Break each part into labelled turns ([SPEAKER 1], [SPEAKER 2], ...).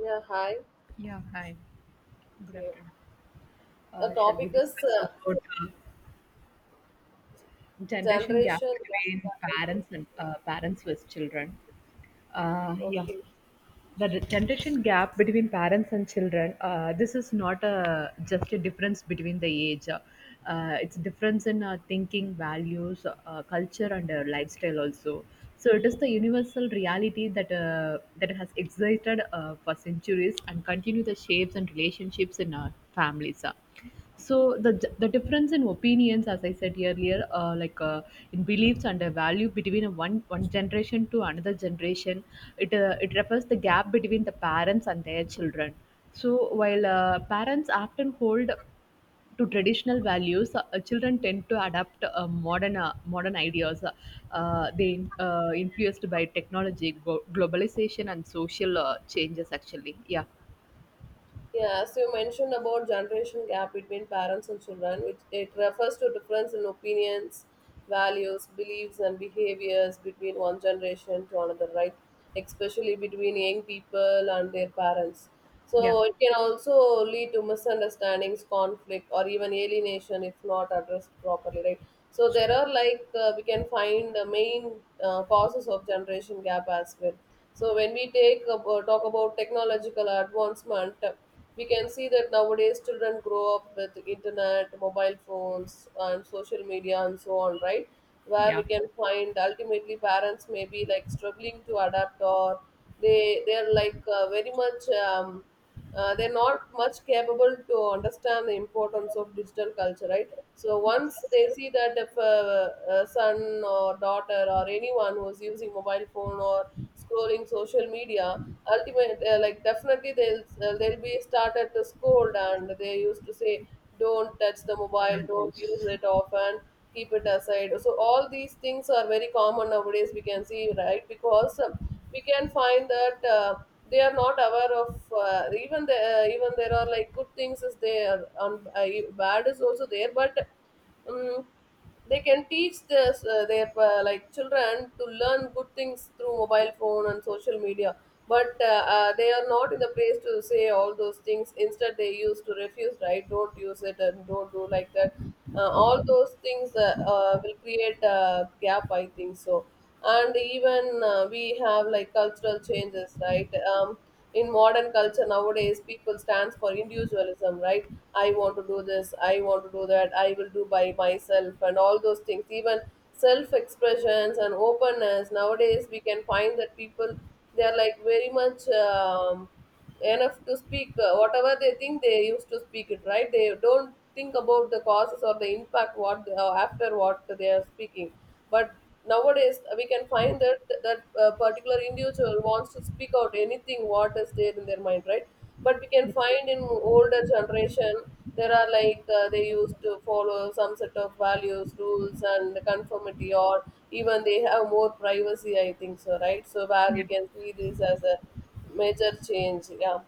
[SPEAKER 1] Yeah, hi.
[SPEAKER 2] Yeah, hi. Good
[SPEAKER 1] Okay.
[SPEAKER 2] afternoon.
[SPEAKER 1] The
[SPEAKER 2] Shall we
[SPEAKER 1] topic is
[SPEAKER 2] discuss about generation gap
[SPEAKER 1] generation gap.
[SPEAKER 2] between parents and parents with children? Uh, yeah,
[SPEAKER 1] Okay.
[SPEAKER 2] the generation gap between parents and children. This is not a just a difference between the age. It's difference in thinking, values, culture, and lifestyle also. So it is the universal reality that that has existed for centuries and continue the shapes and relationships in our families. So the difference in opinions as I said earlier, in beliefs and a value between a one generation to another generation, it refers the gap between the parents and their children. So while parents often hold to traditional values, children tend to adapt modern ideas. They influenced by technology, globalization and social changes actually. Yeah.
[SPEAKER 1] Yeah, as you mentioned about generation gap between parents and children, it refers to difference in opinions, values, beliefs, and behaviors between one generation to another, right? Especially between young people and their parents.
[SPEAKER 2] Yeah,
[SPEAKER 1] So it can also lead to misunderstandings, conflict, or even alienation if not addressed properly, right? So there are like we can find the main causes of generation gap as well. So when we talk about technological advancement, we can see that nowadays children grow up with internet, mobile phones, and social media, and so on, right? Where we
[SPEAKER 2] yeah,
[SPEAKER 1] can find ultimately parents may be like struggling to adapt, or they they're like uh, very much um, they're not much capable to understand the importance of digital culture, right? So once they see that if a son or daughter or anyone who's using mobile phone or scrolling social media, like definitely they'll be started to scold, and they used to say don't touch the mobile,
[SPEAKER 2] don't
[SPEAKER 1] don't use
[SPEAKER 2] use.
[SPEAKER 1] it often, keep it aside. So all these things are very common nowadays, we can see, right? Because we can find that they are not aware of even even there are like good things is there and bad is also there, but um, they can teach their like children to learn good things through mobile phone and social media, but they are not in the place to say all those things, instead they used to refuse, right? Don't use it and don't do like that. All those things will create a gap, I think so. And even we have like cultural changes, right? um, in modern culture nowadays, people stands for individualism, right? I want to do this, I want to do that, I will do by myself, and all those things. Even self expressions and openness nowadays, we can find that people, they are like very much enough to speak whatever they think, they used to speak it, right? They don't think about the causes or the impact after what they are speaking. But nowadays we can find that particular individual wants to speak out anything what is there in their mind, right? But we can
[SPEAKER 2] Yes.
[SPEAKER 1] find in older generation, there are like they used to follow some set of values, rules, and conformity, or even they have more privacy, I think so, right? So where we
[SPEAKER 2] Yeah.
[SPEAKER 1] can see this as a major change, yeah.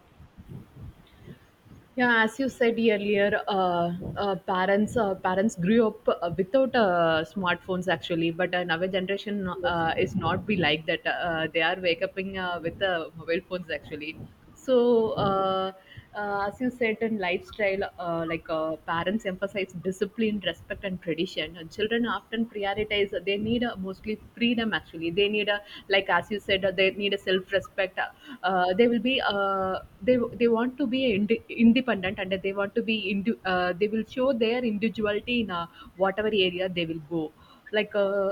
[SPEAKER 2] Yeah, as you said earlier, parents grew up without smartphones actually, but now generation is not be like that. They are waking up in, with mobile phones actually. So as you said in lifestyle, parents emphasize discipline, respect, and tradition. And children often prioritize. They need mostly freedom actually. They need a, like as you said, they need a self respect. They will be they want to be independent and they want to be they will show their individuality in whatever area they will go. like uh,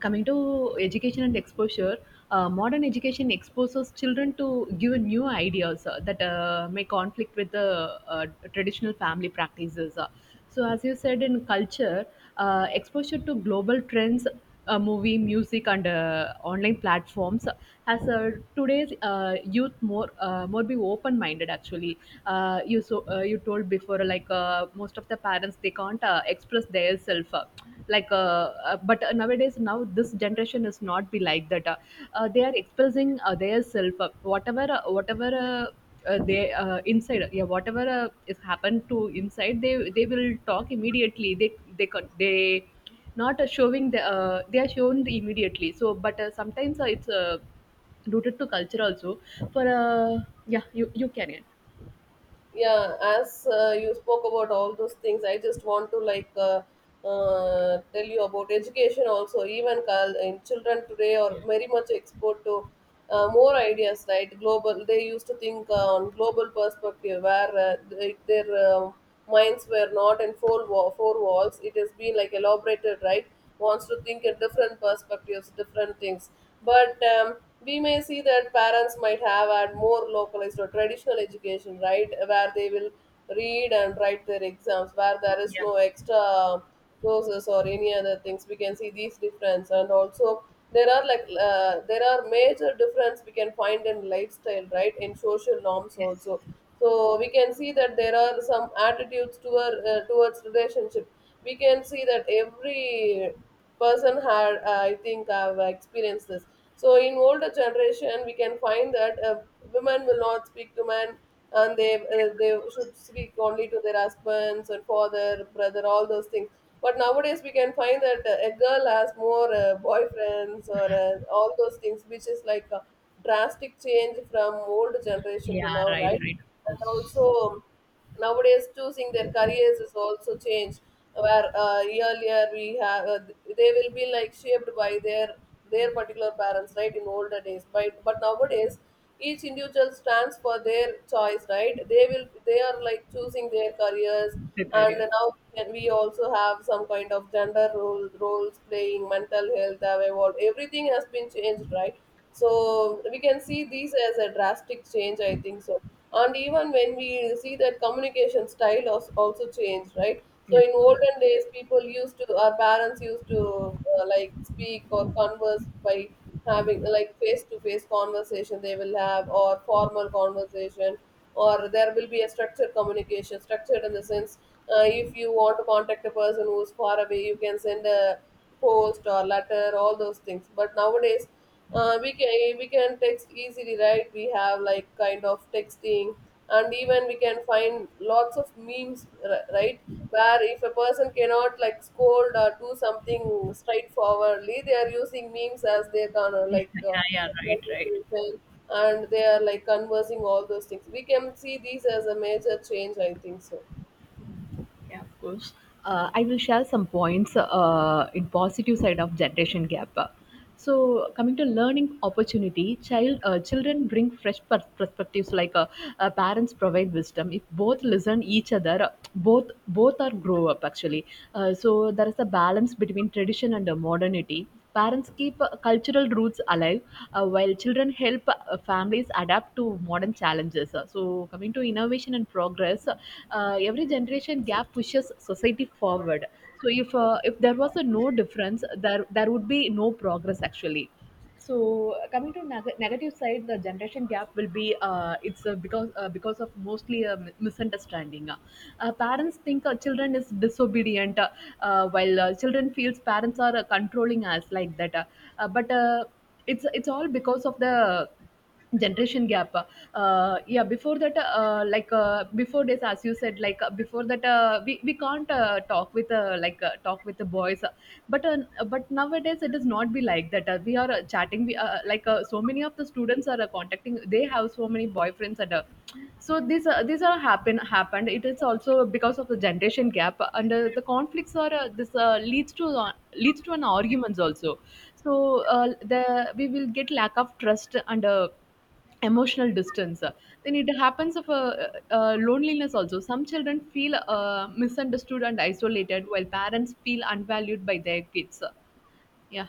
[SPEAKER 2] Coming to education and exposure, modern education exposes children to give new ideas that may conflict with the traditional family practices. So, as you said, in culture, exposure to global trends, movie, music, and online platforms has today's youth more be open minded. Actually, you told before, like most of the parents they can't express their self, but nowadays now this generation is not be like that. They are expressing their self, whatever. Uh, they Inside, yeah, whatever is happened to inside, they will talk immediately. They not showing the, they are shown immediately. So but sometimes it's rooted to culture also for yeah you can. Yeah.
[SPEAKER 1] Yeah, as you spoke about all those things, I just want to like tell you about education also. Even call in children today are very much exposed to more ideas, right? Global, they used to think on global perspective, where their minds were not in four walls, it has been like elaborated, right? Wants to think in different perspectives, different things. But we may see that parents might have a more localized or traditional education, right? Where they will read and write their exams, where there is
[SPEAKER 2] Yeah.
[SPEAKER 1] no extra courses or any other things. We can see these difference. And also there are like there are major difference we can find in lifestyle, right? In social norms
[SPEAKER 2] Yes.
[SPEAKER 1] also. So we can see that there are some towards relationship. We can see that every person had I think I've experienced this. So in older generation we can find that women will not speak to men, and they should speak only to their husbands and father, brother, all those things. But nowadays we can find that a girl has more boyfriends or all those things, which is like a drastic change from old generation to
[SPEAKER 2] Yeah,
[SPEAKER 1] now,
[SPEAKER 2] right,
[SPEAKER 1] right?
[SPEAKER 2] right, of
[SPEAKER 1] And
[SPEAKER 2] course.
[SPEAKER 1] also nowadays choosing their careers is also changed, where earlier we have they will be like shaped by their particular parents, right? In older days, but nowadays each individual stands for their choice, right? They are like choosing their careers.
[SPEAKER 2] The
[SPEAKER 1] And
[SPEAKER 2] career.
[SPEAKER 1] now can we also have some kind of roles playing, mental health have evolved, everything has been changed, right? So we can see these as a drastic change, I think so. And even when we see that also changed, right? So
[SPEAKER 2] Yes,
[SPEAKER 1] in
[SPEAKER 2] of
[SPEAKER 1] olden
[SPEAKER 2] course.
[SPEAKER 1] days people used to, our parents used to like speak or converse by having like face to face conversation they will have, or formal conversation, or there will be a structured communication. Structured in the sense, if you want to contact a person who's far away, you can send a post or letter, all those things. But nowadays we can, we can text easily, right? We have like kind of texting. And even we can find lots of right? Where if a person cannot like scold or do something straightforwardly, they are using memes as their kind of
[SPEAKER 2] Yeah, yeah, yeah, right,
[SPEAKER 1] like,
[SPEAKER 2] right.
[SPEAKER 1] children, and they are like conversing all those things. We can see these as a major change, I think so.
[SPEAKER 2] Yeah, of course. I will share some points in positive side of generation gap. So coming to learning opportunity, children bring fresh perspectives. Parents provide wisdom. If both listen each other, both are grow up actually. So there is a balance between tradition and modernity. Parents keep cultural roots alive, while children help families adapt to modern challenges. So, coming to innovation and progress, every generation gap pushes society forward. So, if there was a no difference, there would be no progress actually. So coming to negative side, the generation gap will be it's because of mostly a misunderstanding. Parents think children is disobedient, while children feels parents are controlling us like that. But it's all because of the generation gap. Yeah, before that, before this, as you said, before that, we can't talk with the boys. But uh, but nowadays it does not be like that. We are chatting, we like so many of the students are contacting. They have so many boyfriends. And uh, so these uh, these are happened. It is also because of the generation gap, and the conflicts are, this leads to leads to an arguments also. So the we will get lack of trust and emotional distance. Then it happens of a, loneliness also. Some children feel misunderstood and isolated while parents feel unvalued by their kids. Yeah.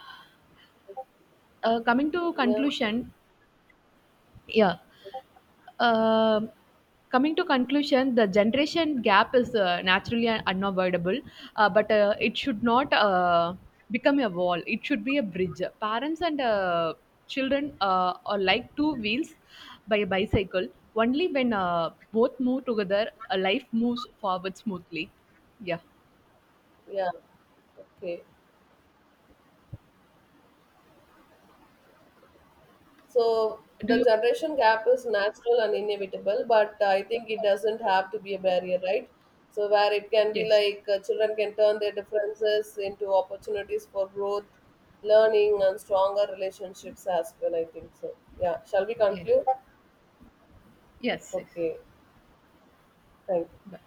[SPEAKER 2] Coming to
[SPEAKER 1] Yeah,
[SPEAKER 2] conclusion. Yeah. Um, coming to conclusion, the generation gap is naturally unavoidable, but it should not become a wall. It should be a bridge. Parents and children are like two wheels by a bicycle. Only when both move together, a life moves forward smoothly. Yeah.
[SPEAKER 1] yeah. Okay. So
[SPEAKER 2] Do
[SPEAKER 1] the
[SPEAKER 2] you?
[SPEAKER 1] generation gap is natural and inevitable, but I think it doesn't have to be a barrier, right? So where it can be
[SPEAKER 2] Yes.
[SPEAKER 1] like children can turn their differences into opportunities for growth, learning, and stronger relationships as well. I think so. Yeah. Shall we
[SPEAKER 2] Yes.
[SPEAKER 1] conclude?
[SPEAKER 2] Yes. Yes.
[SPEAKER 1] Okay. Thank you.
[SPEAKER 2] Bye.